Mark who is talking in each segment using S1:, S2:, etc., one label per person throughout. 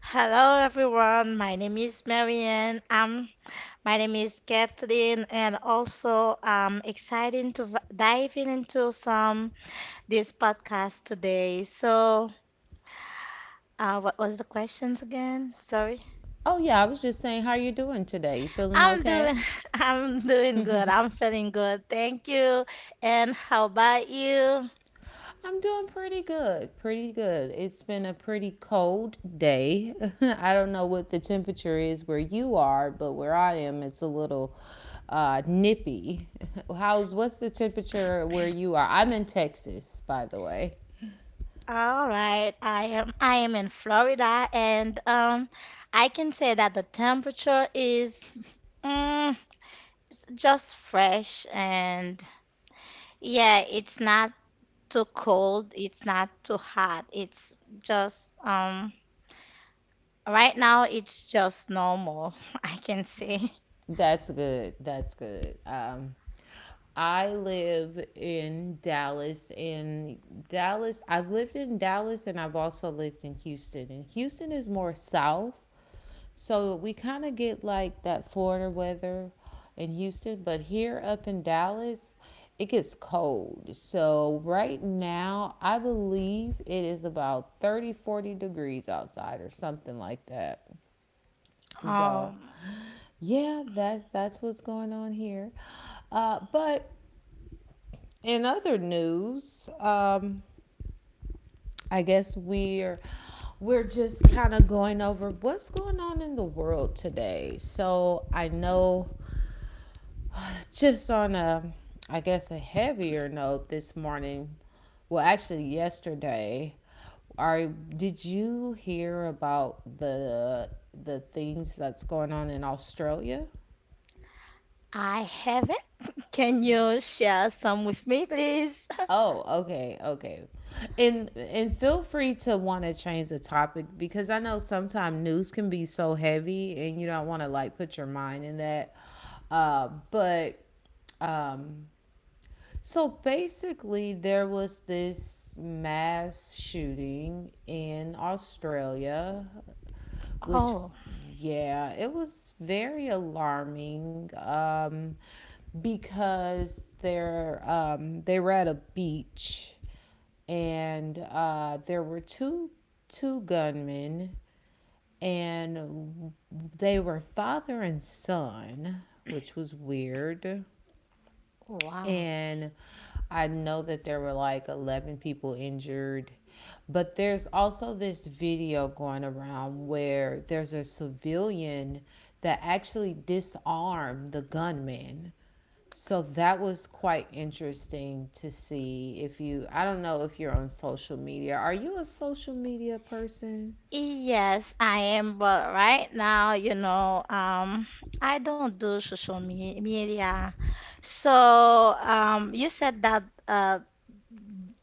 S1: Hello everyone, my name is Marianne. My name is Kathleen, and also I'm excited to dive in into some this podcast today. What was the questions again? Sorry. I'm doing, I'm doing good. I'm feeling good. Thank you. And how about you? All right. I am in Florida, and I can say that the temperature is. mm, just fresh and yeah, it's not too cold, it's not too hot. It's just right now it's just normal, I can say. Um I haven't. Can you share some with me, please? Oh, wow. Yes, I am, but right now, you know, I don't do social media. So, you said that uh,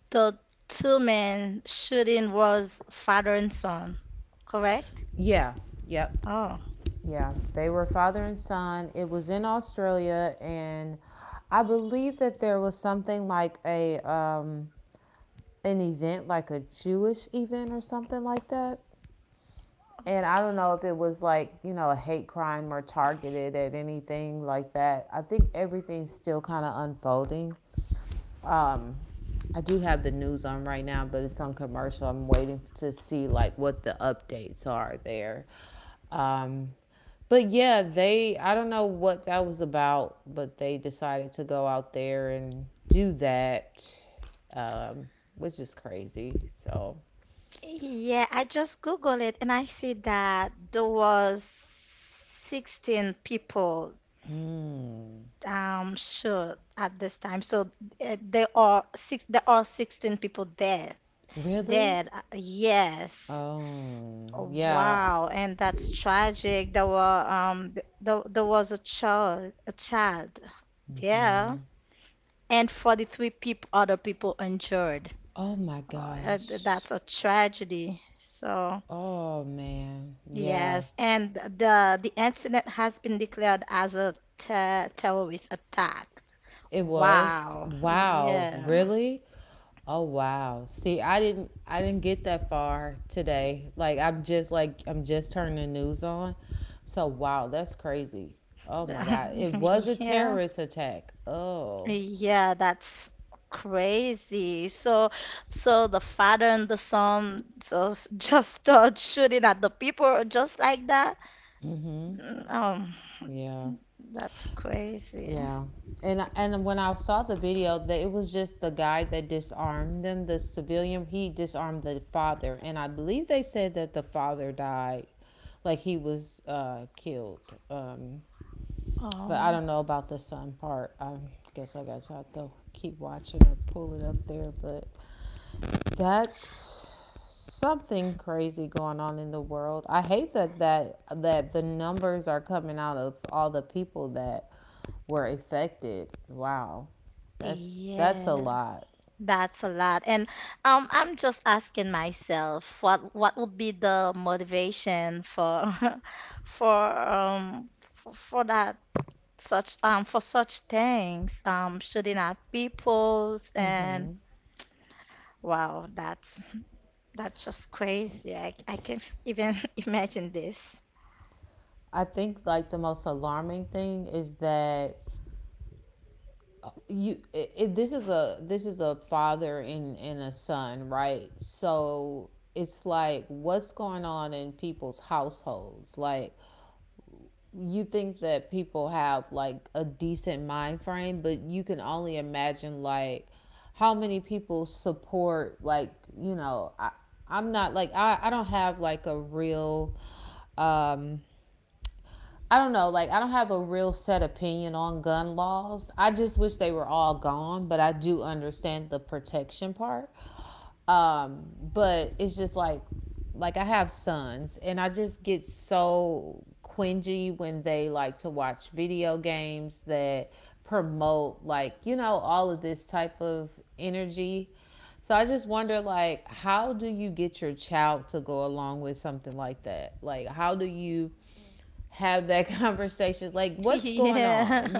S1: the two men shooting was father and son, correct? Oh, yeah, I just Googled it and I see that there was 16 people shot at this time. So there are 16 people there. Dead. Yes. Oh, wow, and that's tragic. There were there was a child. Yeah. And 43 people, other people injured. That's a tragedy. So, yes, and the incident has been declared as a terrorist attack. Wow. Yeah. Yeah. Yeah, that's crazy. So, so the father and the son just just start shooting at the people just like that. Mm, Um, that's crazy. Oh. Yeah, that's a lot. And I'm just asking myself what would be the motivation for for um for that such for such things shooting at peoples and wow that's just crazy. I can't even imagine this. Yeah.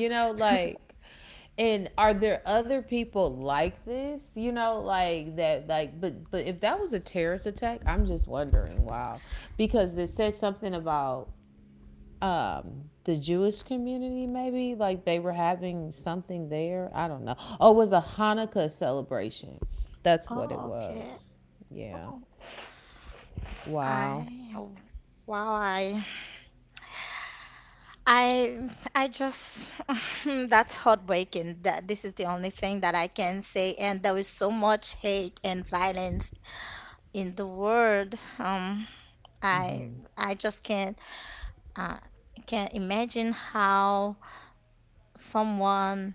S1: Oh, okay. Oh, I wow. I I just that's heartbreaking, that this is the only thing that I can say, and there is so much hate and violence in the world. I I just uh, can't imagine how someone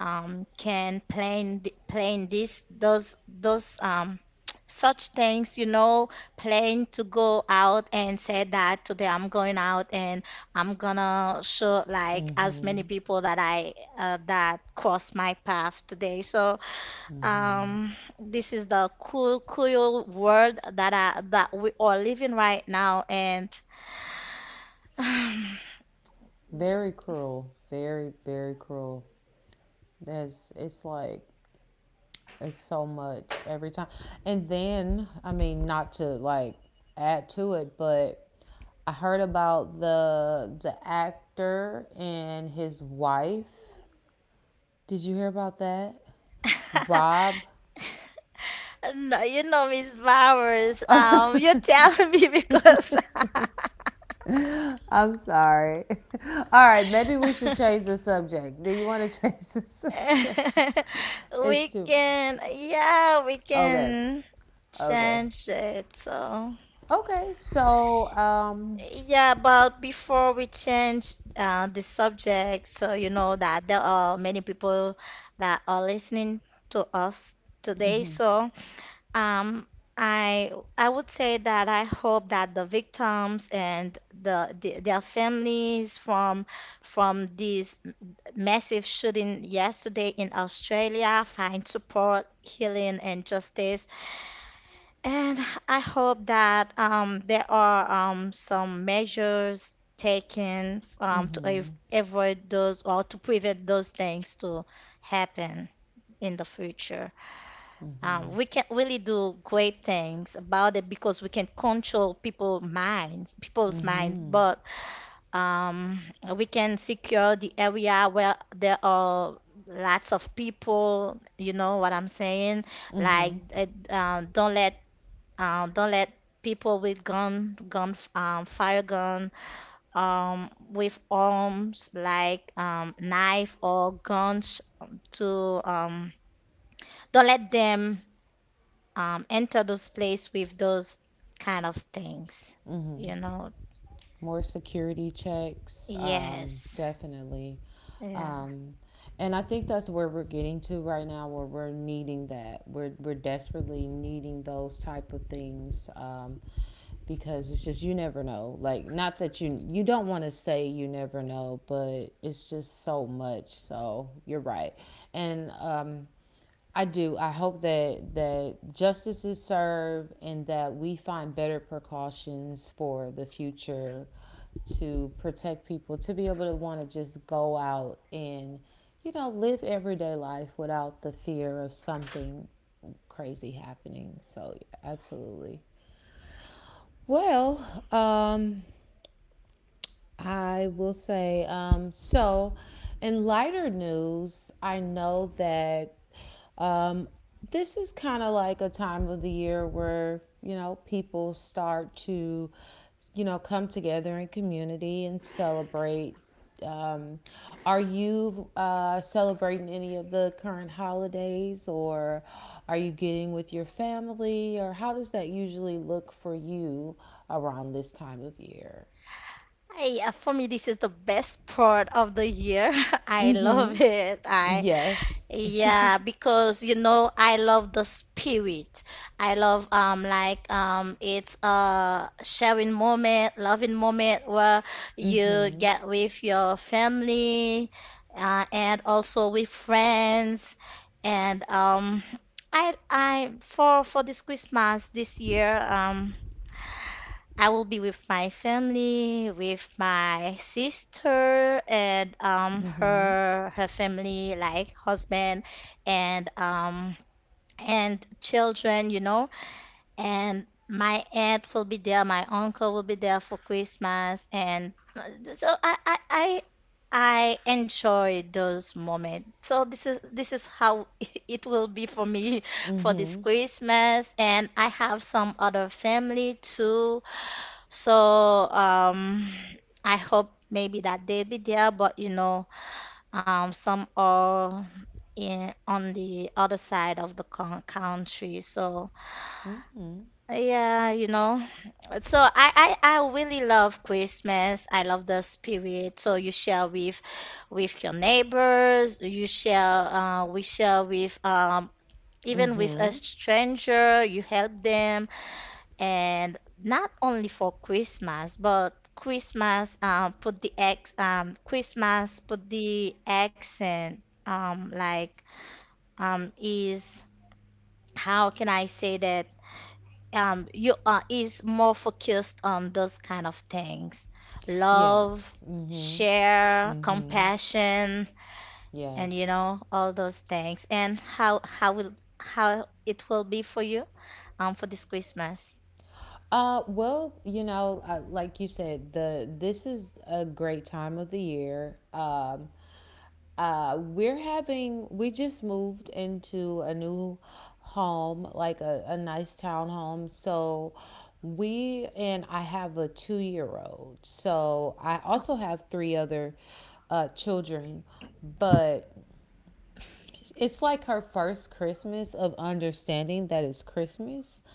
S1: can plan this those such things, you know, plan to go out and say that today I'm going out and I'm gonna show like as many people that I that cross my path today. Um, this is the cool world that that we are living right now. And no, you know, Miss Bowers. You tell me because we can, yeah, we can change it. So, yeah, but before we change the subject, so you know that there are many people that are listening to us today. So, Um, I I would say that I hope that the victims and the their families from this massive shooting yesterday in Australia find support, healing, and justice. And I hope that there are some measures taken avoid those or to prevent those things to happen in the future. We can really do great things about it because we can control people's minds, but um, we can secure the area where there are lots of people. You know what I'm saying? Like, uh, uh, don't let don't let people with gun, with arms like knife or guns to don't let them enter those place with those kind of things. You know, yes, yeah. For me, this is the best part of the year. I love it. I yeah, because you know I love the spirit. I love it's a sharing moment, loving moment where you get with your family and also with friends. And I for this Christmas this year, I will be with my family, with my sister and her family like husband and children, you know. And my aunt will be there, my uncle will be there for Christmas. And uh, so I I I I enjoy those moments. So this is how it will be for me for this Christmas, and I have some other family too. so um, I hope maybe that they'll be there, but you know, some are in on the other side of the country. So yeah, you know. So I really love Christmas. I love the spirit. So you share with your neighbors. You share. We share with. Even with a stranger, you help them, and not only for Christmas, but Christmas put the accent like is how can I say that you are is more focused on those kind of things: love, share, compassion, and you know all those things. And how it will be for you for this Christmas?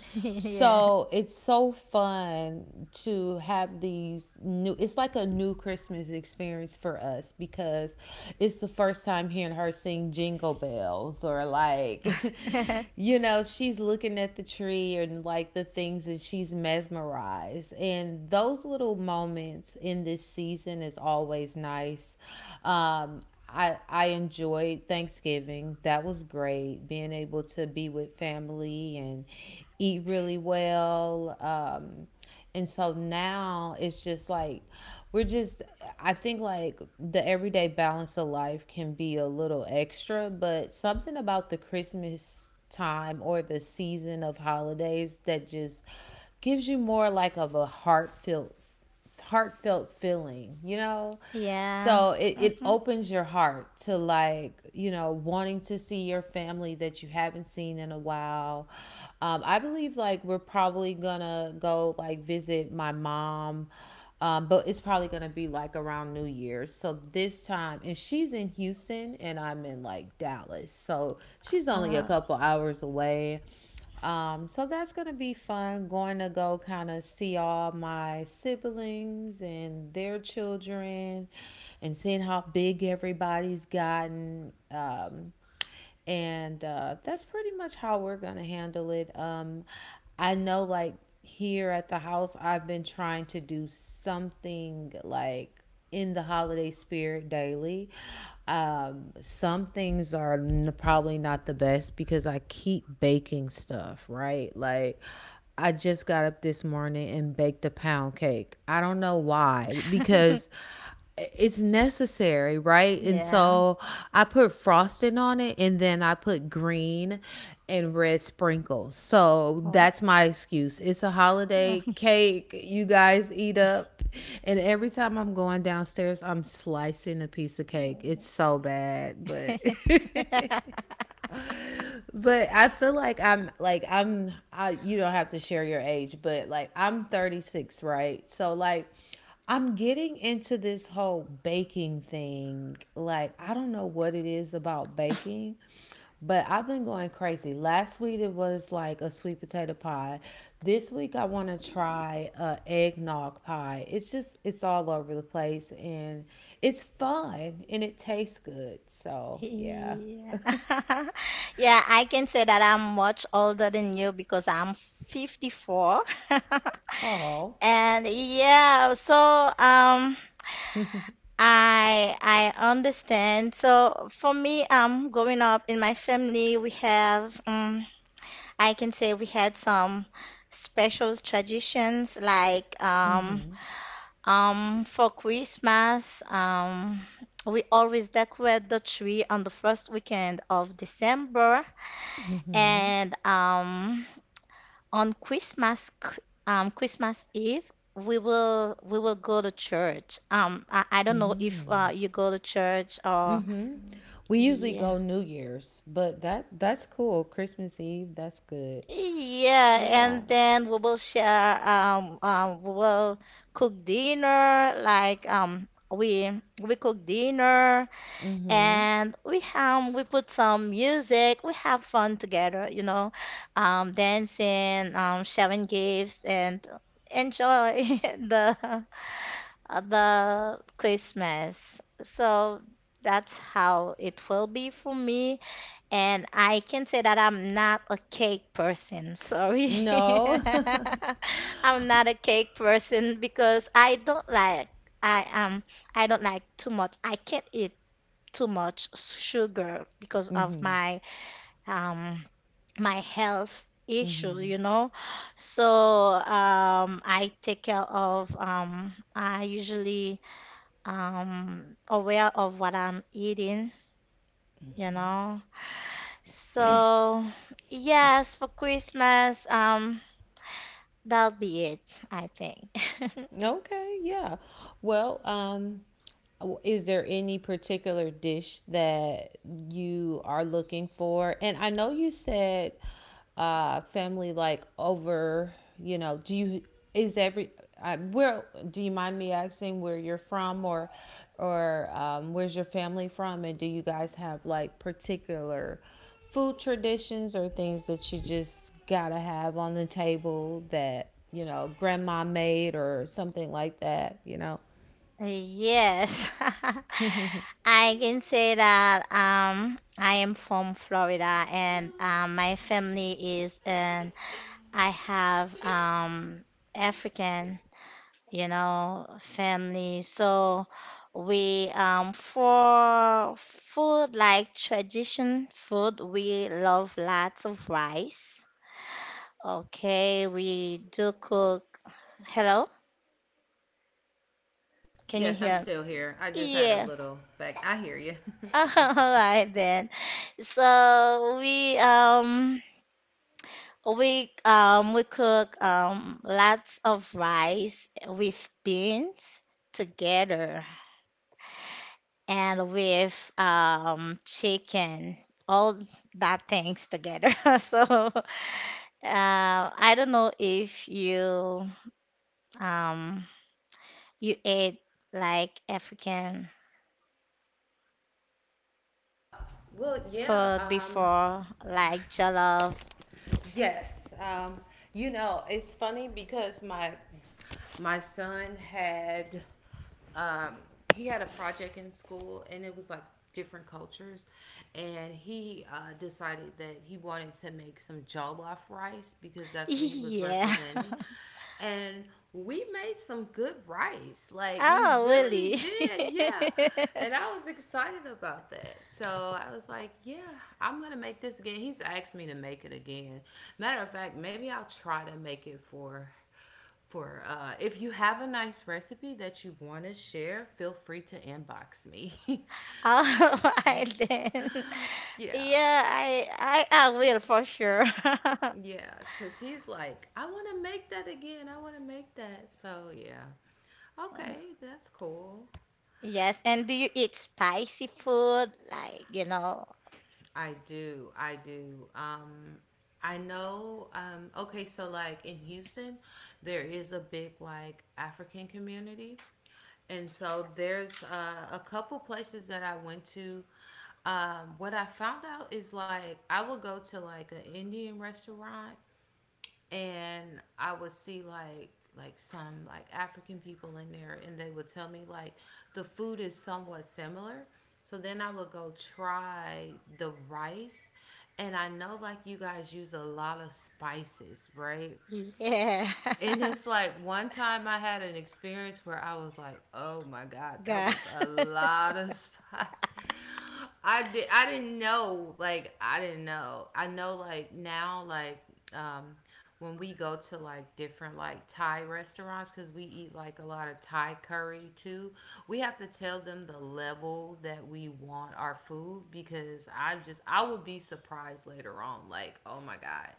S1: Yeah. Yeah. Mm-hmm. Uh, yeah. Oh. Yeah. Yeah, I can say that I'm much older than you because I'm 54. And yeah, so um I understand. So for me, growing up in my family, we have I can say we had some special traditions like for Christmas, we always decorate the tree on the first weekend of December, and on Christmas Eve, we will go to church. I don't know if you go to church or yeah, yeah, and then we will share. We will cook dinner like. We cook dinner and we put some music, we have fun together, you know, dancing, sharing gifts, and enjoy the the Christmas. So that's how it will be for me, and I can say that I'm not a cake person, sorry. I'm not a cake person because I don't like i um I don't like too much, I can't eat too much sugar because of um my health issue, you know. So I take care of I usually aware of what I'm eating, you know. So yes, for Christmas, that'll be it, I think. Yes, I can say that I am from Florida, and my family is, and I have African, you know, family. So we, for food, like tradition food, we love lots of rice. Okay, we do cook. Hello, can you
S2: Yes, I'm
S1: hear?
S2: still here. I just had a
S1: Yeah.
S2: little back. I hear you.
S1: All
S2: Sorry.
S1: right then. So we cook lots of rice with beans together and with chicken, all that things together. So I don't know if um you ate like African
S2: Well, yeah,
S1: food before, like jollof.
S2: yes. It's funny because my son had um, he had a project in school, and it was like different cultures, and he decided that he wanted to make some jollof rice because that's what he was
S1: Yeah.
S2: representing. And we made some good rice. Like we
S1: Oh,
S2: really
S1: really?
S2: did, yeah. And I was excited about that. So I was like, yeah, I'm going to make this again. He's asked me to make it again. Matter of fact, maybe I'll try to make it for if you have a nice recipe that you want to share, feel free to inbox me.
S1: All right then.
S2: Yeah.
S1: Yeah, I I will for sure.
S2: Yeah, because he's like, I want to make that again, I want to make that. So yeah. Okay, that's cool.
S1: Yes, and do you eat spicy food? Like, you know,
S2: I do. I do. I know. Okay, so like in Houston, there is a big like African community, and so there's a couple places that I went to. What I found out is like I will go to like an Indian restaurant, and I would see like some like African people in there, and they would tell me like the food is somewhat similar. So then I would go try the rice, and I know like you guys use a lot of spices, right?
S1: yeah.
S2: And it's like one time I had an experience where I was like, "Oh my god, that
S1: God.
S2: was a lot of spot." I did. I didn't know. Like I didn't know. I know. Like now, like um, when we go to like different like Thai restaurants because we eat like a lot of Thai curry too. We have to tell them the level that we want our food, because I would be surprised later on like, oh my god,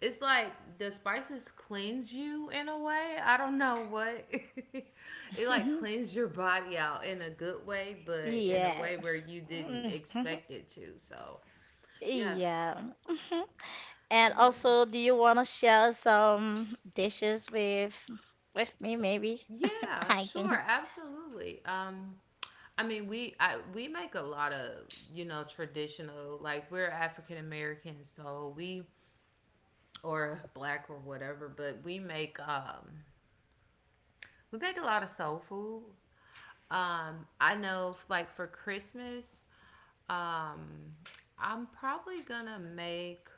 S2: it's like the spices cleanse you in a way, I don't know what. It like cleans your body out in a good way, but in a
S1: Yeah.
S2: way where you didn't
S1: Mhm.
S2: expect it to. So yeah.
S1: Yeah. Mhm. And
S2: Yeah.
S1: also, do you want to share some dishes with me maybe?
S2: Yeah,
S1: I
S2: sure,
S1: can.
S2: absolutely. I mean, we make a lot of, traditional, like we're African American, so we or black or whatever, but we make a lot of soul food. I know like for Christmas, um, I'm probably gonna make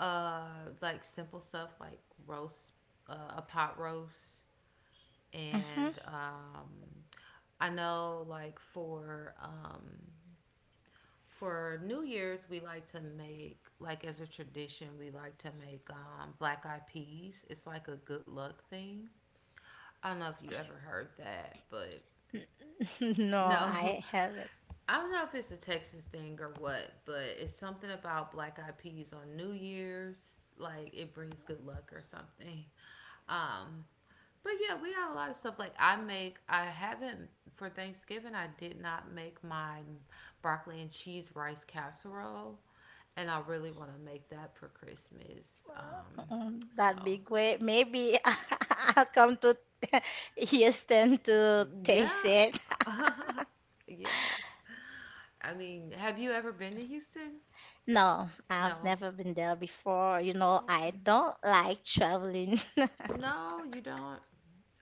S2: like simple stuff like roast a pot roast,
S1: Mhm.
S2: and I know like for New Year's, we like to make, like as a tradition, we like to make black eyed peas. It's like a good luck thing. I don't know if you ever heard that, but
S1: No,
S2: no.
S1: I haven't.
S2: I don't know if it's a Texas thing or what, but it's something about black eyed peas on New Year's. Like it brings good luck or something. Um, but yeah, we got a lot of stuff. Like I haven't for Thanksgiving. I did not make my broccoli and cheese rice casserole, and I really want to make that for Christmas. So
S1: That'd be great. Maybe I'll come to Houston to taste
S2: yeah.
S1: it.
S2: Yes. I mean, have you ever been to Houston?
S1: No, I've
S2: No.
S1: never been there before. You know, I
S2: Okay.
S1: don't like traveling.
S2: No, you don't.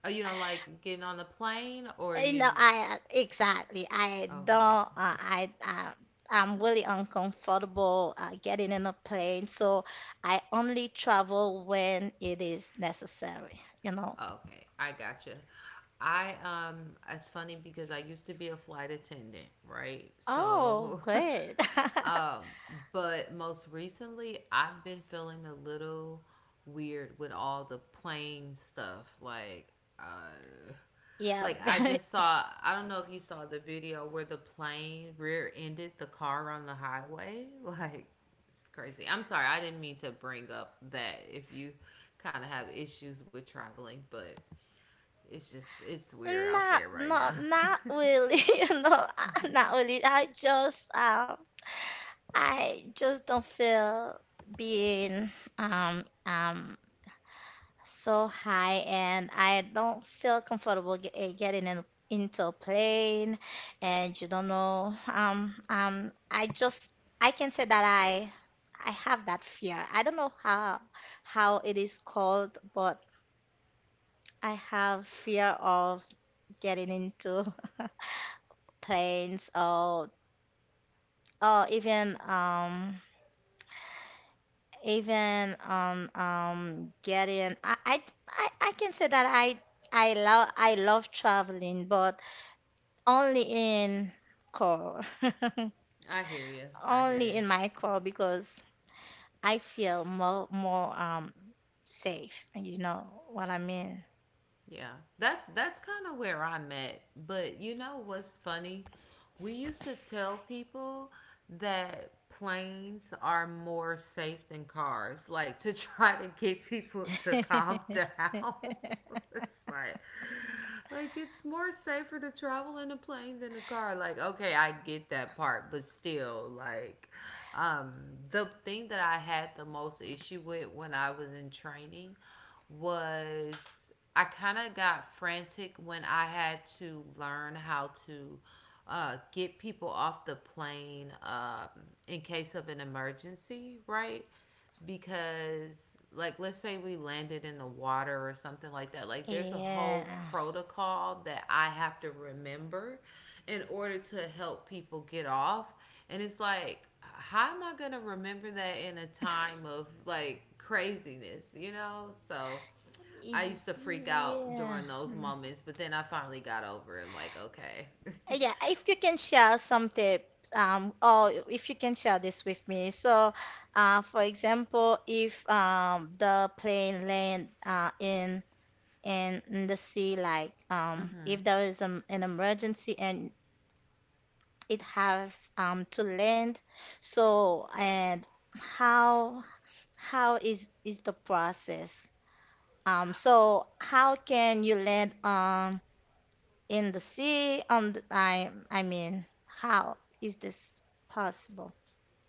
S2: Oh, you don't like getting on the plane, or
S1: You know,
S2: you?
S1: I exactly. I don't.
S2: Okay.
S1: I I'm really uncomfortable getting in a plane, so I only travel when it is necessary. You know.
S2: Okay, I gotcha. I It's funny because I used to be a flight attendant, right?
S1: Oh,
S2: So,
S1: great.
S2: um, but most recently I've been feeling a little weird with all the plane stuff. Uh,
S1: Yeah,
S2: like, I just saw. I don't know if you saw the video where the plane rear-ended the car on the highway. Like, it's crazy. I'm sorry, I didn't mean to bring up that if you kind of have issues with traveling, but it's just it's weird out there right now.
S1: Not really. You know, not really. I just don't feel being, um, um, so high, and I don't feel comfortable getting in, into a plane, and you don't know. I can say that I have that fear. I don't know how it is called, but I have fear of getting into. planes or even even getting I can say that I love traveling but only in car
S2: I hear you. I hear
S1: only
S2: you.
S1: in my car because I feel more safe, you know what I mean.
S2: Yeah, that's kind of where I'm at. But you know what's funny? We used to tell people that planes are more safe than cars, like to try to get people to calm down. It's like, it's more safer to travel in a plane than a car. Like, okay, I get that part, but still, like, um, the thing that I had the most issue with when I was in training was I kind of got frantic when I had to learn how to get people off the plane, in case of an emergency, right? Because like let's say we landed in the water or something like that, like there's a
S1: Yeah.
S2: whole protocol that I have to remember in order to help people get off. And it's like, how am I going to remember that in a time of like craziness, so I used to freak out
S1: Yeah.
S2: during those moments, but then I finally got over it. Like, okay.
S1: Yeah, if you can share some tips, or if you can share this with me. So, for example, if the plane land in the sea, like if there is an emergency and it has to land, so and how is the process? So how can you land in the sea on the, I mean how is this possible,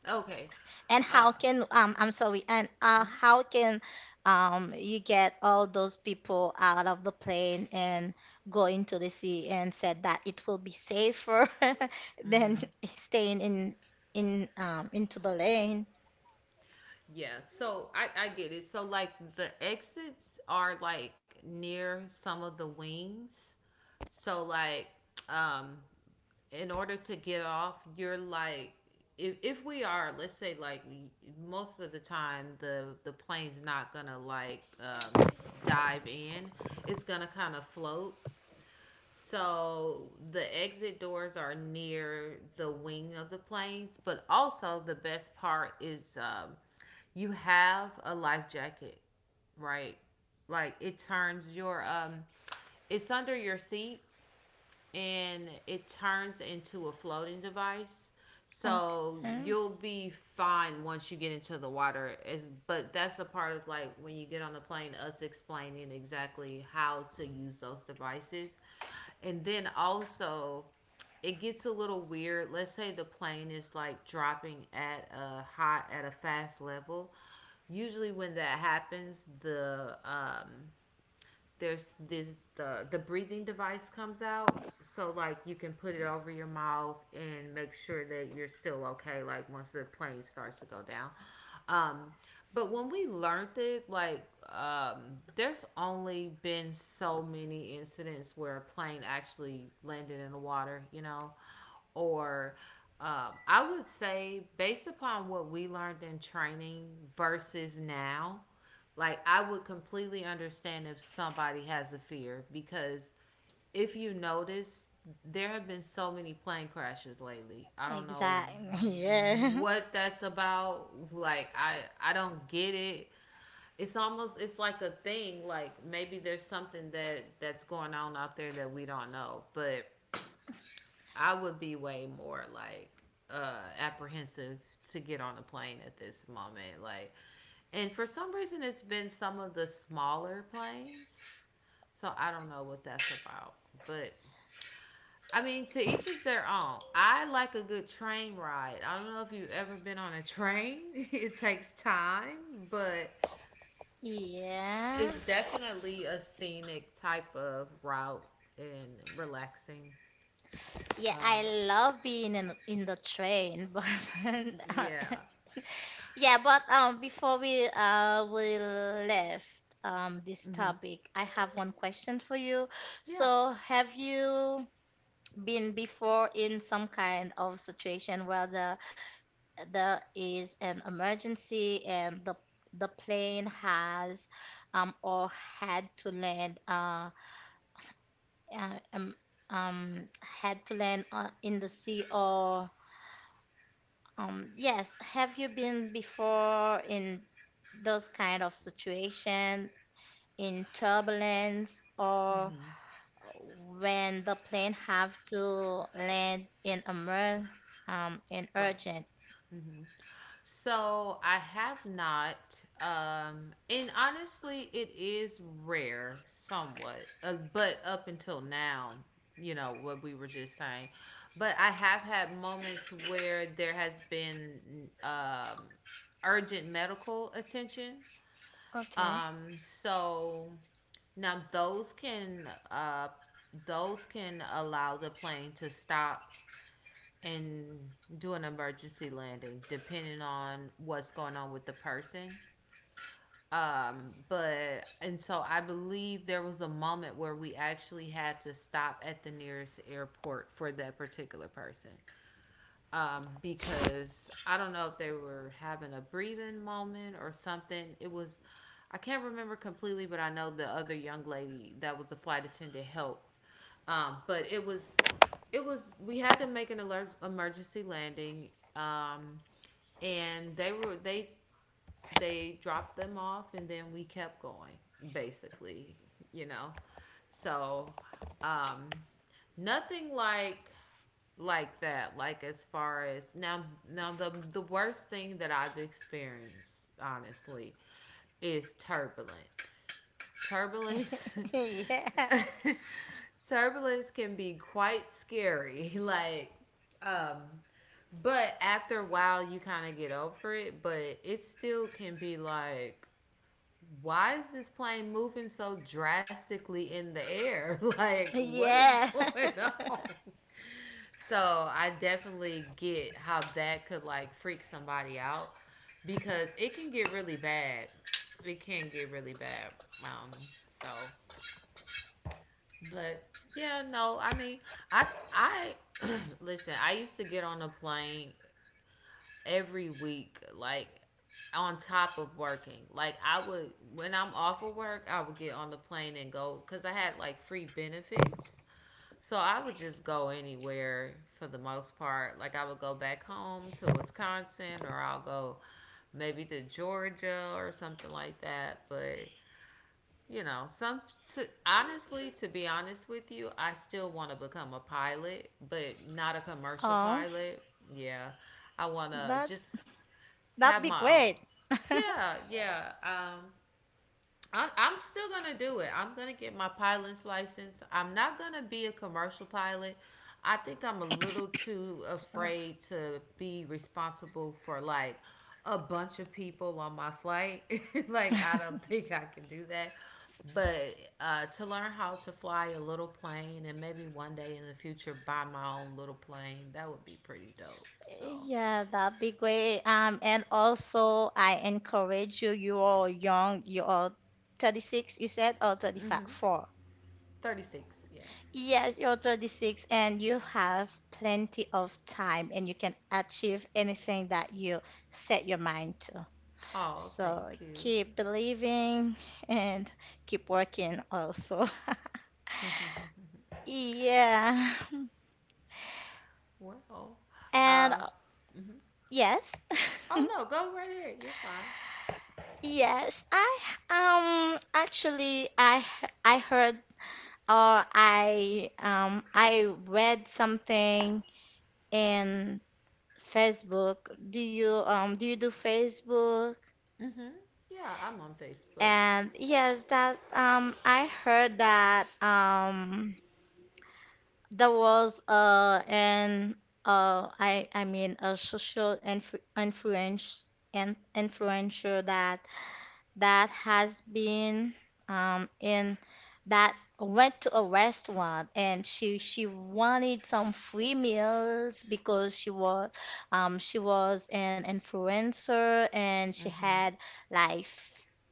S2: Okay.
S1: and
S2: uh
S1: how can I'm sorry, and how can you get all those people out of the plane and go into the sea and said that it will be safer than
S2: mm-hmm.
S1: staying in into the lane.
S2: Yeah, so I get it. So like the exits are like near some of the wings. So like um in order to get off, you're like, if we are, let's say like we, most of the time the plane's not going to like dive in. It's going to kind of float. So the exit doors are near the wing of the planes, but also the best part is, you have a life jacket, right? Like it turns your um, it's under your seat, and it turns into a floating device. So
S1: Okay.
S2: you'll be fine once you get into the water. Is But that's a part of, like, when you get on the plane, us explaining exactly how to use those devices. And then also, it gets a little weird. Let's say the plane is like dropping at a fast level. Usually, when that happens, there's this, the breathing device comes out, so like you can put it over your mouth and make sure that you're still okay, like once the plane starts to go down. um but when we learned it, like um there's only been so many incidents where a plane actually landed in the water, or I would say, based upon what we learned in training versus now, like I would completely understand if somebody has a fear because, if you notice, there have been so many plane crashes lately. I don't know
S1: Exactly. Yeah.
S2: what that's about. Like I don't get it. It's almost, it's like a thing, like maybe there's something that that's going on out there that we don't know. But I would be way more like apprehensive to get on a plane at this moment. Like, and for some reason, it's been some of the smaller planes. So I don't know what that's about. But I mean, to each is their own. I like a good train ride. I don't know if you've ever been on a train, it takes time, but
S1: Yeah.
S2: it's definitely a scenic type of route and relaxing.
S1: Yeah,
S2: Um,
S1: I love being in the train, but
S2: yeah.
S1: yeah, but before we we left this topic, I have one question for you.
S2: Yeah.
S1: So, have you been before in some kind of situation where there is an emergency and the plane has or had to land uh uh, um um had to land in the sea or yes, have you been before in those kind of situation in turbulence or when the plane have to land in a mer in
S2: Like
S1: urgent.
S2: So I have not. And honestly, it is rare somewhat, but up until now, you know, what we were just saying. But I have had moments where there has been, urgent medical attention.
S1: Okay.
S2: So now those can allow the plane to stop and do an emergency landing, depending on what's going on with the person. But And so I believe there was a moment where we actually had to stop at the nearest airport for that particular person, because I don't know if they were having a breathing moment or something. It was, I can't remember completely, but I know the other young lady that was a flight attendant helped. But we had to make an alert emergency landing. Um, and they dropped them off, and then we kept going basically, you know? So, um, nothing like that, like as far as now. The worst thing that I've experienced, honestly, is turbulence. turbulence
S1: Yeah.
S2: Turbulence can be quite scary. Like um but after a while you kind of get over it, but it still can be like, why is this plane moving so drastically in the air? Like what is
S1: Yeah.
S2: going on. So I definitely get how that could like freak somebody out, because it can get really bad. It can get really bad. Um, so but yeah, no, I mean, I I listen, I used to get on a plane every week, like on top of working. Like I would When I'm off of work, I would get on the plane and go because I had like free benefits. So I would just go anywhere for the most part. Like I would go back home to Wisconsin, or I'll go maybe to Georgia or something like that, but you know, some honestly, to be honest with you, I still want to become a pilot, but not a commercial
S1: oh,
S2: pilot. Yeah. I want to just
S1: that's that'd
S2: have
S1: be
S2: my own.
S1: great.
S2: Yeah, yeah. I'm still gonna do it. I'm gonna get my pilot's license. I'm not gonna be a commercial pilot. I think I'm a little too
S1: sorry.
S2: afraid to be responsible for like a bunch of people on my flight. Like I don't think I can do that. But to learn how to fly a little plane and maybe one day in the future buy my own little plane, that would be pretty dope. So,
S1: Yeah, that'd be great. And also I encourage you, you are young, you are 36, you said, or 35,
S2: mm-hmm.
S1: four.
S2: 36, yeah.
S1: Yes, you're 26 and you have plenty of time and you can achieve anything that you set your mind to.
S2: Oh, thank
S1: So
S2: you.
S1: keep believing and keep working also. Yeah.
S2: Well,
S1: And
S2: uh,
S1: yes.
S2: oh no, go right ahead. You're fine.
S1: Yes, I actually I heard or I read something in Facebook. Do you do Facebook?
S2: Mm-hmm. Yeah, I'm on Facebook.
S1: And yes, that I heard that there was an I mean a social influ influence and influencer that that has been in that went to a restaurant and she wanted some free meals because she was an influencer and she had like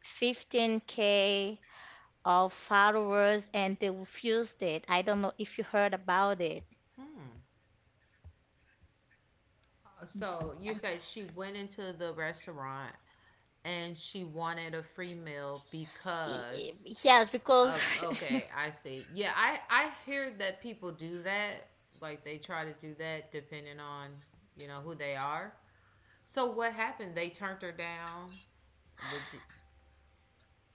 S1: 15K of followers and they refused it. I don't know if you heard about it.
S2: So you said she went into the restaurant and she wanted a free meal
S1: Y-
S2: because
S1: y- Yes, because.
S2: of okay, I see. Yeah, I hear that people do that. Like they try to do that depending on you know who they are. So what happened? They turned her down. Would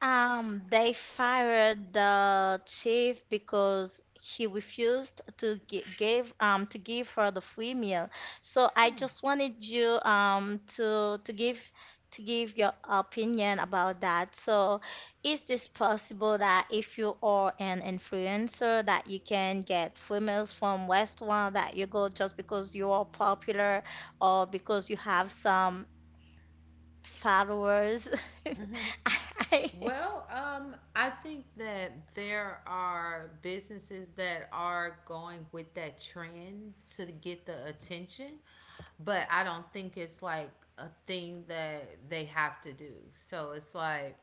S1: They fired the chief because he refused to give her the free meal. So I just wanted you to give to give your opinion about that. So is this possible that if you are an influencer that you can get free meals from restaurant that you go just because you are popular or because you have some followers? I.
S2: Well, I think that there are businesses that are going with that trend to get the attention, but I don't think it's like a thing that they have to do. So it's like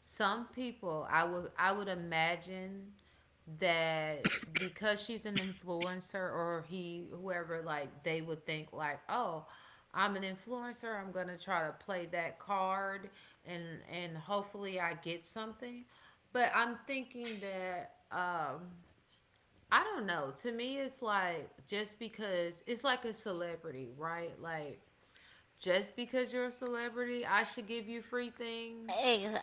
S2: some people, I would imagine that because she's an influencer, or he, whoever, like they would think like, oh, I'm an influencer. I'm gonna try to play that card and hopefully I get something. But I'm thinking that I don't know. To me, it's like just because it's like a celebrity, right? Like just because you're a celebrity, I should give you free things.
S1: Ex-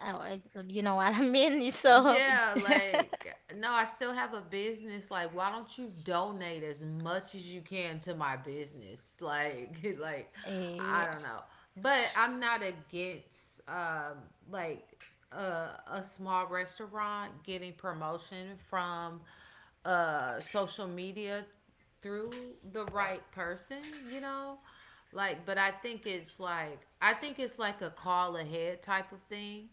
S1: oh, you know what I mean? So,
S2: Yeah, like no, I still have a business. Like, why don't you donate as much as you can to my business? I
S1: eh,
S2: don't know, but I'm not against like a small restaurant getting promotion from social media through the right person, you know? Like, but I think it's like a call ahead type of thing.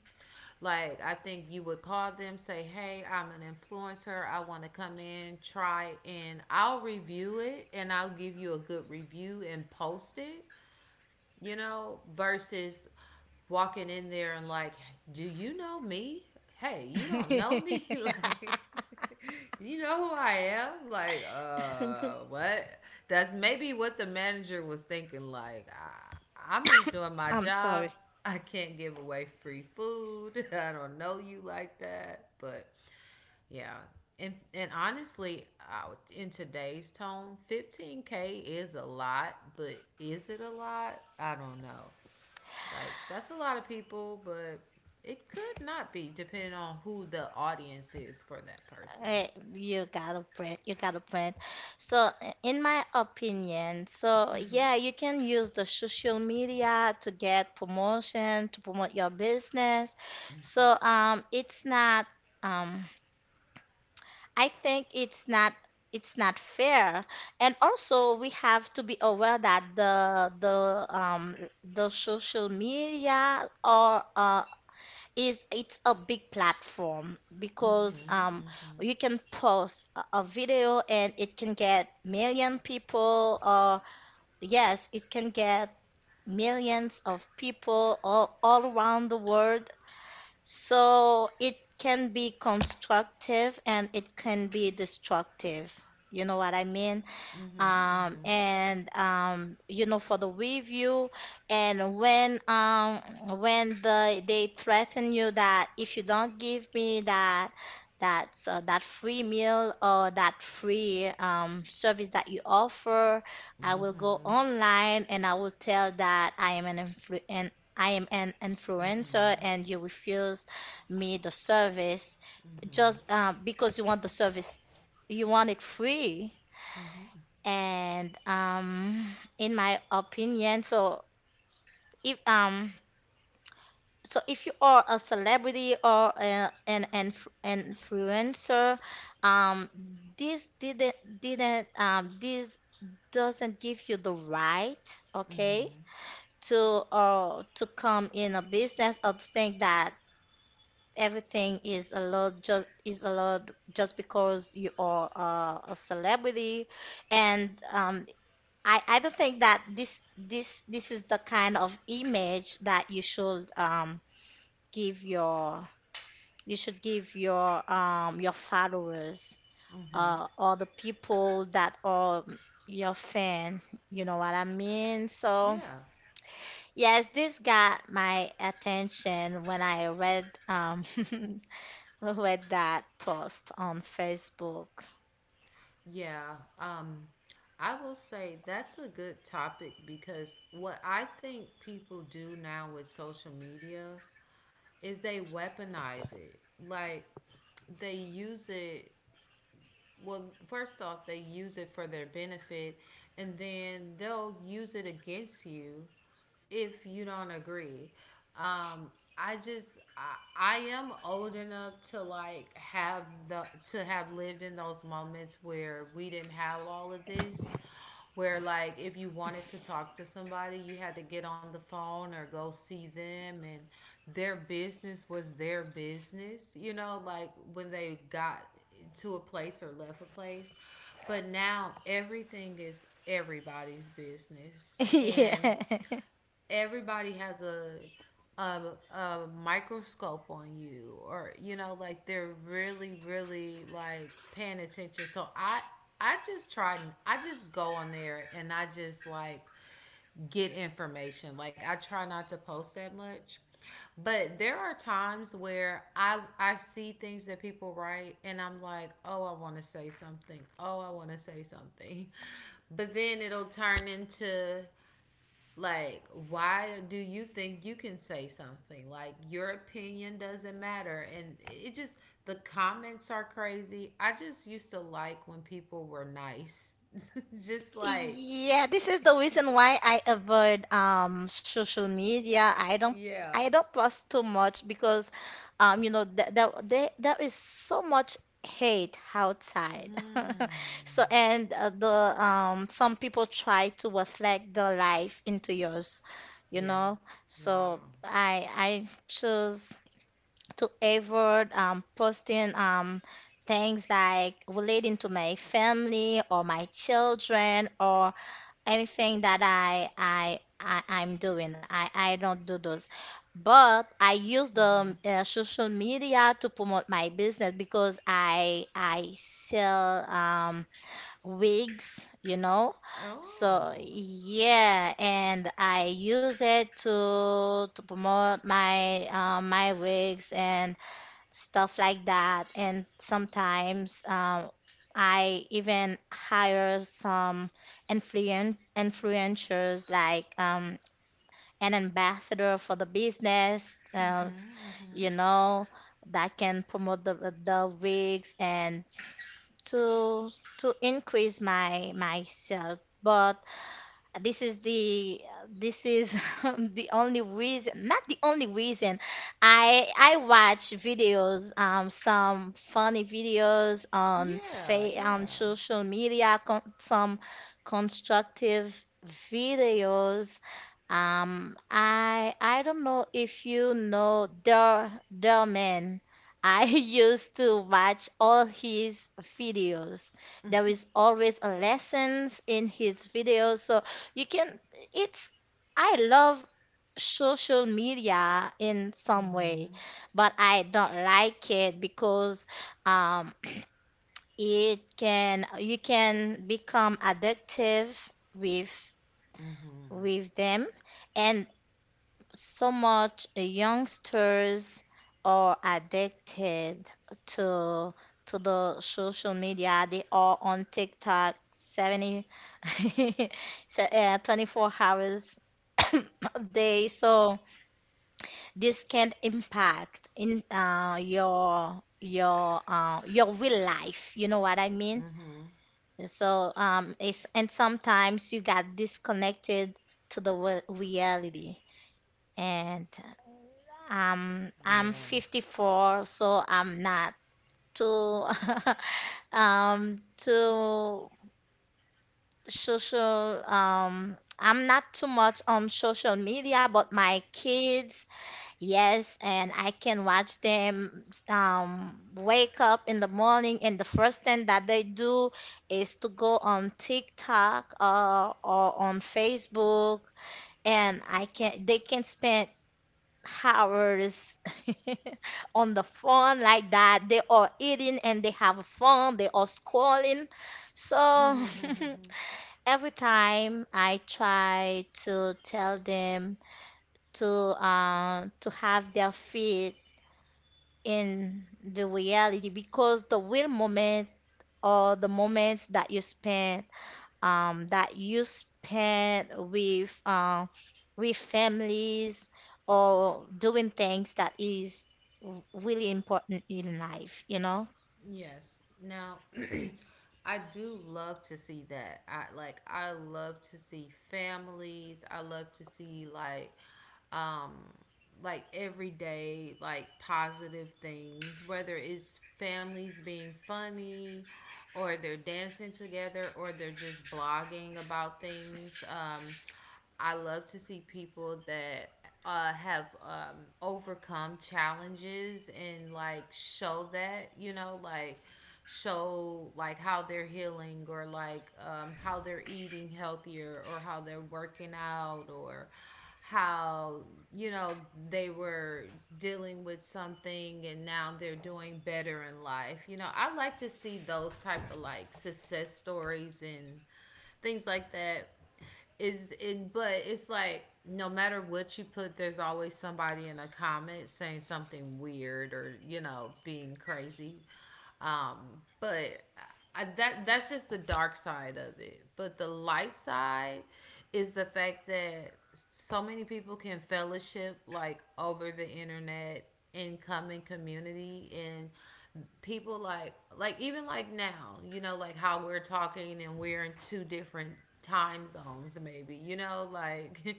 S2: Like, I think you would call them, say, "Hey, I'm an influencer. I want to come in, try, and I'll review it and I'll give you a good review and post it," you know, versus walking in there and like, do you know me? Hey, you don't know me? Like, you know who I am? Like, what? That's maybe what the manager was thinking. Like, I'm just doing my
S1: I'm
S2: job.
S1: sorry.
S2: I can't give away free food. I don't know you like that. But yeah. And honestly, in today's tone, 15K is a lot, but is it a lot? I don't know. Like that's a lot of people, but it could not be depending on who the audience is for that person.
S1: eh, you gotta print, you gotta print. So, in my opinion, so
S2: Mm-hmm.
S1: yeah, you can use the social media to get promotion, to promote your business. So, it's not, um, I think it's not fair. And also we have to be aware that the social media or is it's a big platform because
S2: Mm-hmm. Mm-hmm.
S1: you can post a video and it can get million people or yes, it can get millions of people all around the world, so it can be constructive and it can be destructive. You know what I mean?
S2: Mm-hmm.
S1: And You know, for the review and when they threaten you that if you don't give me that that free meal or that free service that you offer, I
S2: Mm-hmm.
S1: will go
S2: Mm-hmm.
S1: online and I will tell that I am an influ- and I am an influencer and you refuse me the service just
S2: Mm-hmm.
S1: because you want the service, you want it free.
S2: Mm-hmm.
S1: And In my opinion, so if um if you are a celebrity or an influencer, um this didn't this doesn't give you the right, okay,
S2: Mm-hmm.
S1: to to come in a business or to think that everything is a lot just is a lot just because you are a celebrity. And I don't think that this is the kind of image that you should give your you should give your followers
S2: Mm-hmm.
S1: or the people that are your fan. You know what I mean? So
S2: Yeah.
S1: yes, this got my attention when I read read that post on Facebook.
S2: Yeah. I will say that's a good topic because what I think people do now with social media is they weaponize it. Like they use it, well, first off, they use it for their benefit, and then they'll use it against you if you don't agree. Um, I am old enough to like have the to have lived in those moments where we didn't have all of this, where like if you wanted to talk to somebody you had to get on the phone or go see them, and their business was their business, you know, like when they got to a place or left a place. But now everything is everybody's business, and
S1: yeah.
S2: everybody has a a microscope on you, or you know, like they're really like paying attention. So I just try, I just go on there and I just like get information. Like I try not to post that much, but there are times where I see things that people write and I'm like, oh I want to say something, oh I want to say something. But then it'll turn into like, why do you think you can say something? Like, your opinion doesn't matter. And it just, the comments are crazy. I just used to like when people were nice. Just like,
S1: Yeah, this is the reason why I avoid social media.
S2: yeah.
S1: I don't post too much because you know that there is so much hate outside. So
S2: Mm.
S1: and the some people try to reflect their life into yours, you
S2: Yeah.
S1: know. So
S2: Wow.
S1: I choose to avoid posting things like relating to my family or my children or anything that I'm doing. I don't do those. But I use the
S2: Mm-hmm.
S1: social media to promote my business because I sell wigs, you know. So
S2: Oh.
S1: yeah, and I use it to promote my my wigs and stuff like that. And sometimes I even hire some influencers like an ambassador for the business,
S2: Mm-hmm. Mm-hmm.
S1: you know, that can promote the wigs and to to increase my my sales. But this is the this is the only reason, not the only reason, I watch videos, some funny videos on
S2: Yeah.
S1: on
S2: Yeah.
S1: social media, some constructive videos. I don't know if you know derman. I used to watch all his videos. There
S2: Mm-hmm.
S1: is always a lessons in his videos. So you can, it's, I love social media in some way,
S2: Mm-hmm.
S1: but I don't like it because um, it can, you can become addictive with
S2: Mm-hmm.
S1: with them, and so much youngsters are addicted to to the social media. They are on TikTok 70, so, 24 hours a day. So this can impact in your your real life. You know what I mean? So it's and sometimes you got disconnected to the reality. And
S2: Mm-hmm.
S1: I'm
S2: Yeah.
S1: 54, so I'm not too too social I'm not too much on social media, but my kids, yes, and I can watch them wake up in the morning, and the first thing that they do is to go on TikTok or on Facebook, and I can they can spend hours on the phone like that. They are eating and they have fun. They are scrolling. So every time I try to tell them to have their feet in the reality, because the real moment or the moments that you spend with families or doing things that is really important in life, you know?
S2: Yes. Now, I do love to see that. I love to see families. I love to see um like everyday like positive things, whether it's families being funny, or they're dancing together, or they're just blogging about things. I love to see people that have overcome challenges and like show that, you know, like show like how they're healing, or like how they're eating healthier, or how they're working out, or how you know they were dealing with something and now they're doing better in life. You know, I like to see those type of like success stories and things like that. Is in But it's like no matter what you put, there's always somebody in a comment saying something weird, or you know, being crazy. um but that that's just the dark side of it. But the light side is the fact that so many people can fellowship like over the internet, and come in community, and people like even like now, you know, like how we're talking and we're in two different time zones maybe, you know, like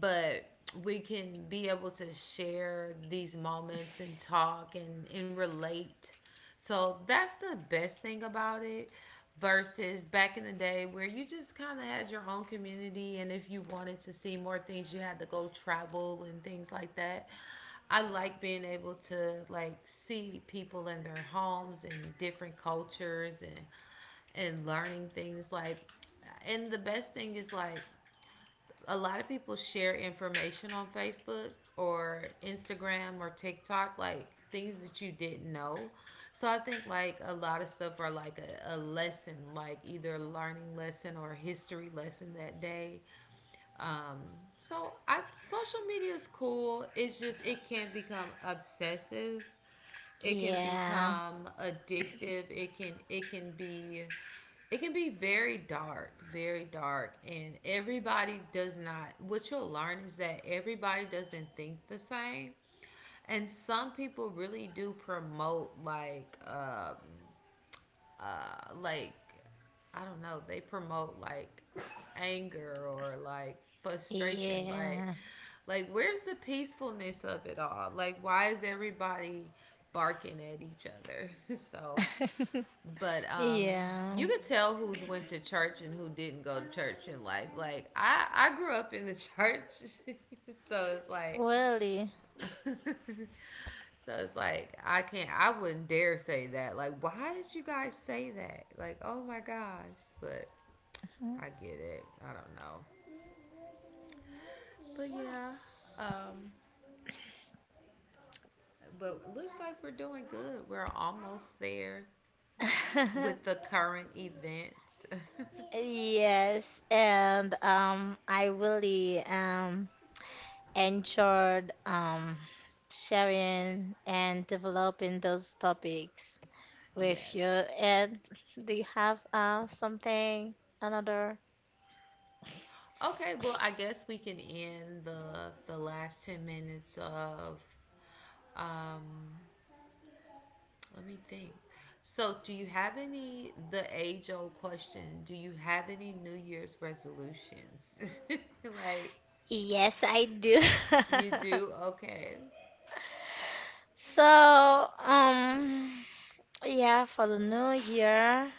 S2: but we can be able to share these moments and talk and relate. So that's the best thing about it, versus back in the day where you just kind of had your own community, and if you wanted to see more things you had to go travel and things like that. I like being able to like see people in their homes and different cultures and learning things like. And the best thing is like a lot of people share information on Facebook or Instagram or TikTok, like things that you didn't know. So I think like a lot of stuff are like a lesson, like either a learning lesson or a history lesson that day. Um, so I social media is cool. It's just it can become obsessive, it can
S1: Yeah,
S2: become addictive. It can be, it can be very dark, very dark. And everybody does not, what you'll learn is that everybody doesn't think the same. And some people really do promote like I don't know, they promote like anger or like frustration,
S1: yeah,
S2: like where's the peacefulness of it all? Like why is everybody barking at each other? So but
S1: yeah,
S2: you could tell who's went to church and who didn't go to church in life. Like I grew up in the church. So it's like
S1: really.
S2: so it's like I can't. I wouldn't dare say that. Like, why did you guys say that? Like, oh my gosh. But I get it. I don't know. But yeah. Um. But looks like we're doing good. We're almost there with the current events.
S1: Yes, and I really enjoyed sharing and developing those topics with you.
S2: Yes.
S1: And do you have something, another?
S2: Okay, well, I guess we can end the last 10 minutes of um, let me think. So, do you have any, the age old question, do you have any New Year's resolutions? Like,
S1: Yes, I do.
S2: you do? Okay.
S1: So, yeah, for the new year,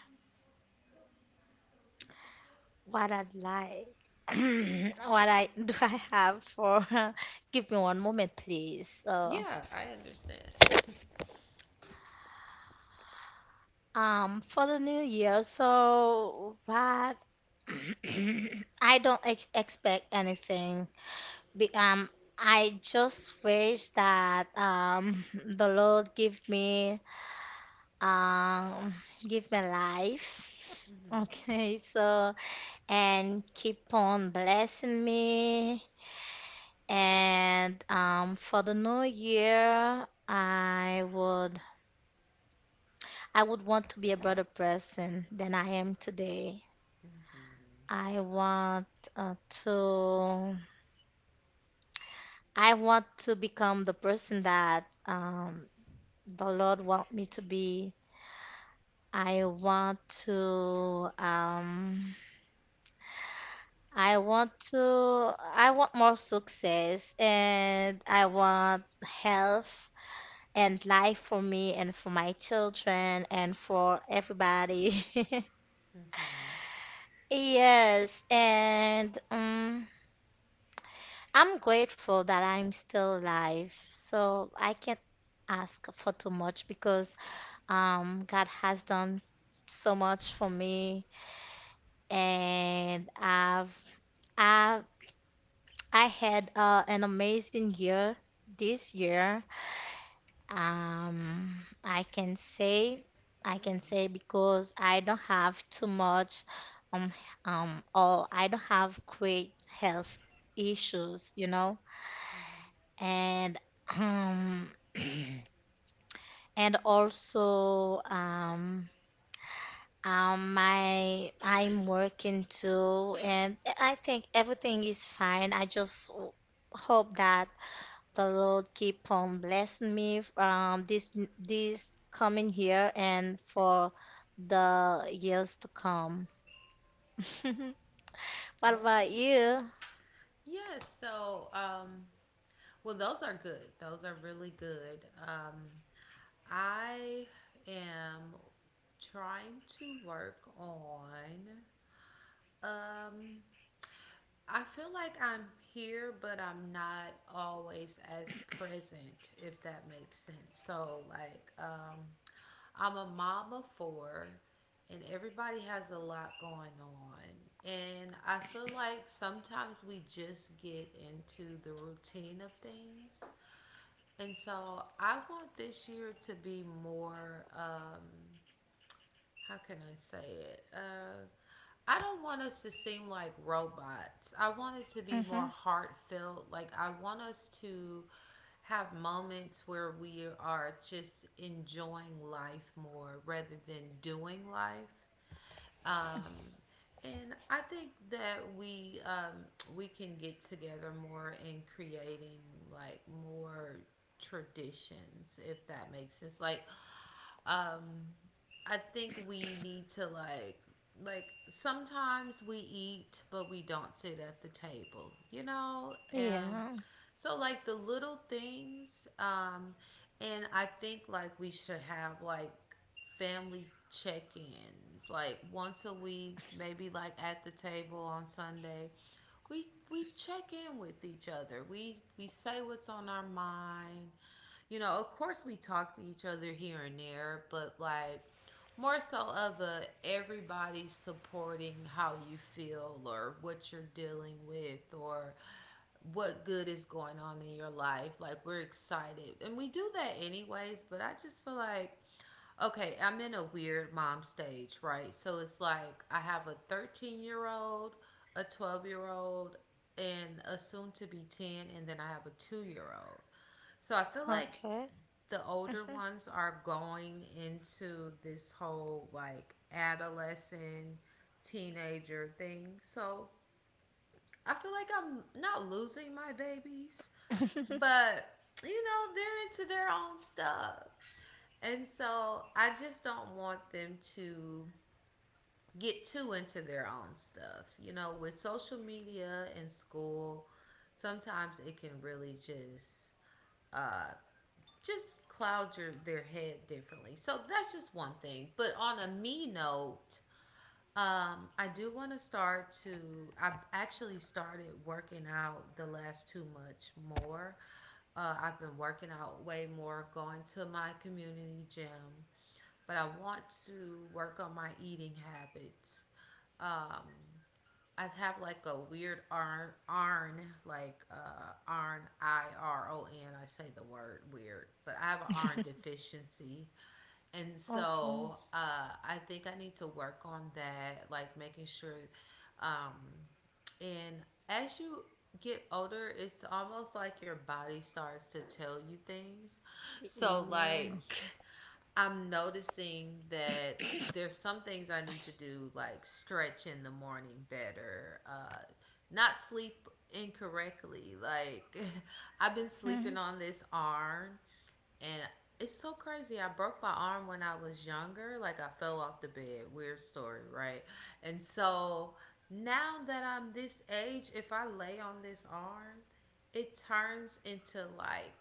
S1: what I'd like, what I do I have for, give me one moment, please. So,
S2: Yeah, I understand.
S1: for the new year, so what? I don't ex expect anything. Be- Um, I just wish that the Lord um, give me life. Okay, so and keep on blessing me. And for the new year, I would want to be a better person than I am today. I want uh, to I want to become the person that the Lord want me to be. I want to um I want to I want more success, and I want health and life for me and for my children and for everybody. Yes, and I'm grateful that I'm still alive. So I can't ask for too much because God has done so much for me, and I've I had an amazing year this year. Um, I can say, I can say because I don't have too much, um, or I don't have great health issues, you know, and um, and also my I'm working too, and I think everything is fine. I just hope that the Lord keep on blessing me this this coming year and for the years to come. What
S2: Okay.
S1: about you?
S2: Yes. Well, those are good. Those are really good. Um, I am trying to work on um I feel like I'm here, but I'm not always as present, if that makes sense. So, like, I'm a mom of four, and everybody has a lot going on. And I feel like sometimes we just get into the routine of things. And so, I want this year to be more, how can I say it? I don't want us to seem like robots. I want it to be more
S1: Hmm.
S2: heartfelt. Like, I want us to have moments where we are just enjoying life more rather than doing life. Um, and I think that we can get together more in creating like more traditions, if that makes sense. Um, I think we need to like sometimes we eat but we don't sit at the table, you know? And
S1: Yeah.
S2: so like the little things and I think like we should have like family check-ins like once a week, maybe like at the table on Sunday. We check in with each other. We say what's on our mind. You know, of course we talk to each other here and there, but like more so of a everybody supporting how you feel, or what you're dealing with, or what good is going on in your life. Like we're excited. And we do that anyways, but I just feel like okay, I'm in a weird mom stage, right? So it's like I have a 13-year-old, a 12-year-old, and a soon to be 10, and then I have a 2-year-old. So I feel like
S1: Okay.
S2: the older
S1: Mhm.
S2: ones are going into this whole adolescent teenager thing. So I feel like I'm not losing my babies, but you know, they're into their own stuff. And so I just don't want them to get too into their own stuff. You know, with social media and school, sometimes it can really uh, just cloud your their head differently. So that's just one thing. But on a me note, I do want to start to. I've actually started working out the last too much more. I've been working out way more, going to my community gym, but I want to work on my eating habits. Um, I have like a weird iron, arn like iron. I R O N. I say the word weird, but I have an iron deficiency, and
S1: Okay.
S2: so I think I need to work on that, like making sure. Um, and as you get older, it's almost like your body starts to tell you things. So
S1: Yeah.
S2: like I'm noticing that there's some things I need to do, like stretch in the morning better, not sleep incorrectly. Like I've been
S1: Mhm,
S2: sleeping on this arm and it's so crazy. I broke my arm when I was younger. Like I fell off the bed. Weird story, right? And so now that I'm this age, if I lay on this arm, it turns into like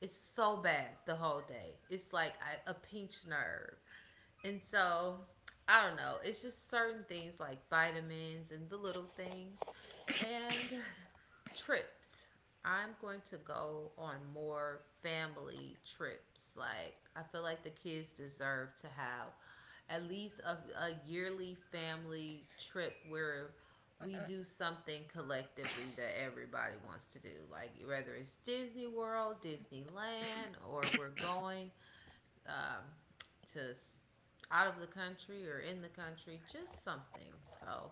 S2: it's so bad the whole day. It's like a pinched nerve. And so, I don't know. It's just certain things like vitamins and the little things and trips. I'm going to go on more family trips. Like, I feel like the kids deserve to have at least a yearly family trip where we do something collectively that everybody wants to do. Like, whether it's Disney World, Disneyland, or we're going um, to out of the country or in the country, just something. So,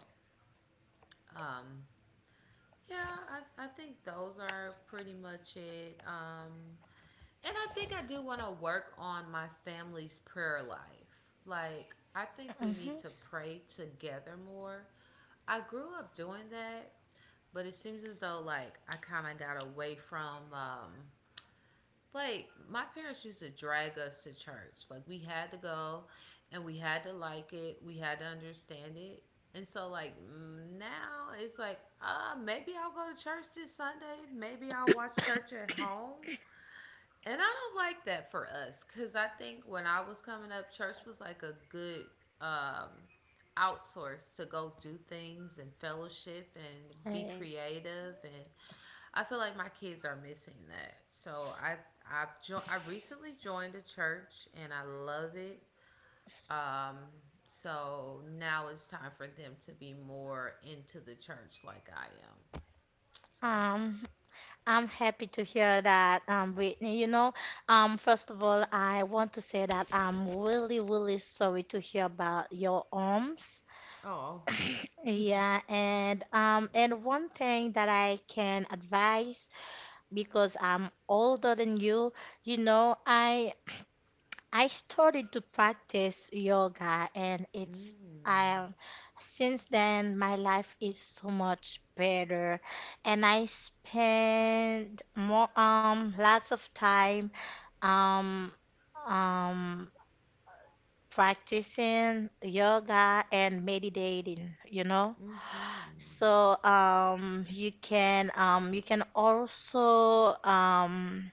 S2: um, yeah, I think those are pretty much it. And I think I do want to work on my family's prayer life. Like, I think we need
S1: mhm.
S2: to pray together more. I grew up doing that, but it seems as though, like, I kind of got away from like my parents used to drag us to church. Like we had to go, and we had to like it. We had to understand it. And so like now it's like, maybe I'll go to church this Sunday. Maybe I'll watch church at home. And I don't like that for us because I think when I was coming up, church was like a good um, outsource to go do things and fellowship and be
S1: Hey,
S2: creative and I feel like my kids are missing that. So I recently joined a church and I love it. Um, so now it's time for them to be more into the church like I am. So
S1: Um, I'm happy to hear that, Whitney. You know, first of all, I want to say that I'm really, really sorry to hear about your arms.
S2: oh,
S1: Yeah, and
S2: thank you.
S1: one thing that I can advise, because I'm older than you, you know, I started to practice yoga, and it's
S2: Mm.
S1: I since then my life is so much better, and I spend more lots of time um um practicing yoga and meditating, you know?
S2: Mm-hmm.
S1: So you can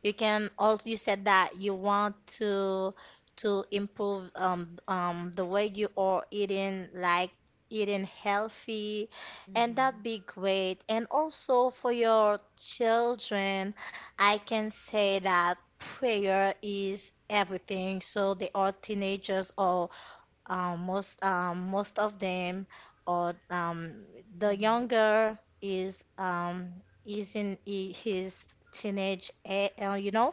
S1: you can also, you said that you want to to improve the way you are eating, like eating healthy, and
S2: Mm-hmm.
S1: that'd be great. And also for your children, I can say that prayer is everything. So they are teenagers or most of them or the younger is in his teenage, you know,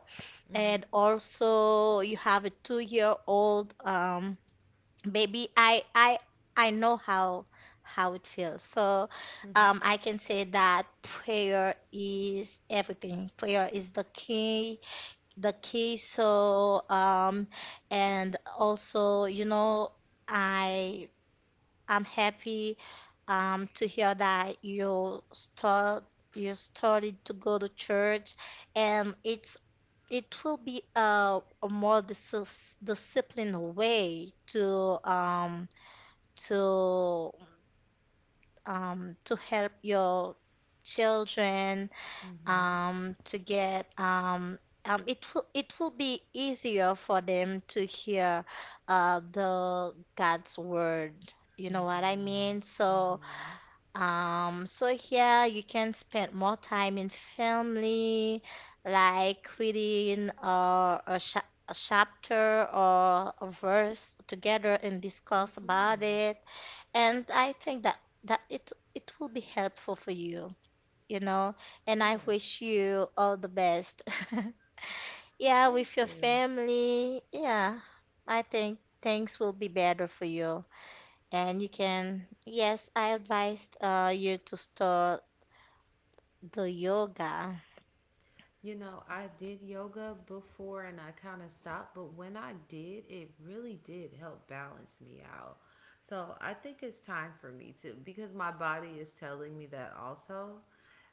S2: Mm-hmm. Mm-hmm.
S1: and also you have a 2-year old baby. I know how it feels. So
S2: Mm-hmm.
S1: I can say that prayer is everything, prayer is the key, the queso, and also, you know, I I'm happy to hear that you started to go to church, and it will be a more disciplined way to to to help your children
S2: Mm-hmm.
S1: to get it will be easier for them to hear the God's word. You know what I mean?
S2: Mm-hmm.
S1: So
S2: Mm-hmm.
S1: so here you can spend more time in family, like reading a chapter or a verse together and discuss about
S2: Mm-hmm.
S1: it. And I think that it it will be helpful for you, you know, and I
S2: Yes.
S1: wish you all the best. Yeah,
S2: Thank
S1: with your
S2: you.
S1: family, yeah, I think things will be better for you. And you can, yes, I advised you to start the yoga.
S2: You know, I did yoga before and I kind of stopped, but when I did, it really did help balance me out. So I think it's time for me to, because my body is telling me that also.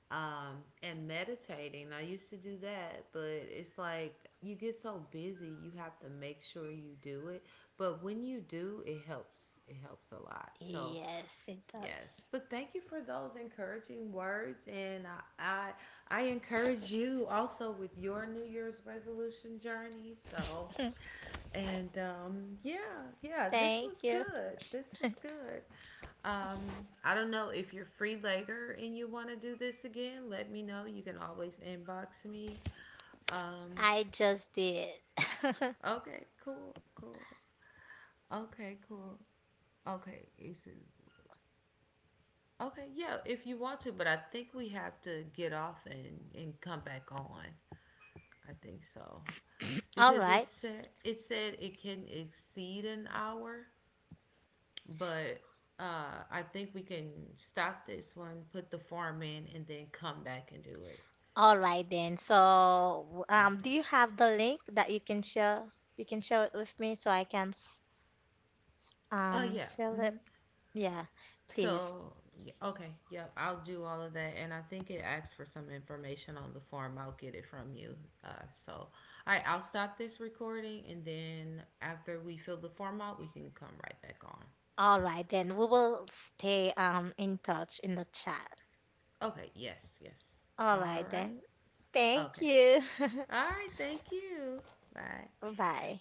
S2: And meditating, I used to do that, but it's like you get so busy, you have to make sure you do it. But when you do, it helps. It helps a lot. So
S1: Yes, it does.
S2: yes, but thank you for those encouraging words, and I encourage you also with your New Year's resolution journey. So, and yeah, yeah, this
S1: Thank
S2: was
S1: you.
S2: good. This was good. Um, I don't know if you're free later and you want to do this again. Let me know. You can always inbox me. Um,
S1: I just did.
S2: okay, cool, cool. Okay, cool. Okay, is it okay, yeah, if you want to, but I think we have to get off and come back on. I think so.
S1: All
S2: Because it
S1: right.
S2: said it said it can exceed an hour, but I think we can stop this one, put the form in, and then come back and do it.
S1: All right then. So,
S2: Okay.
S1: do you have the link that you can share? You can share it with me so I can
S2: Yeah.
S1: fill it.
S2: Mm-hmm.
S1: Yeah, please.
S2: So, okay, yep, I'll do all of that. And I think it asks for some information on the form. I'll get it from you. So, all right, I'll stop this recording. And then after we fill the form out, we can come right back on.
S1: All right, then we will stay in touch in the chat.
S2: Okay, yes, yes.
S1: All
S2: All
S1: right,
S2: right.
S1: then. Thank
S2: Okay.
S1: you.
S2: All right, thank you. Bye.
S1: Bye.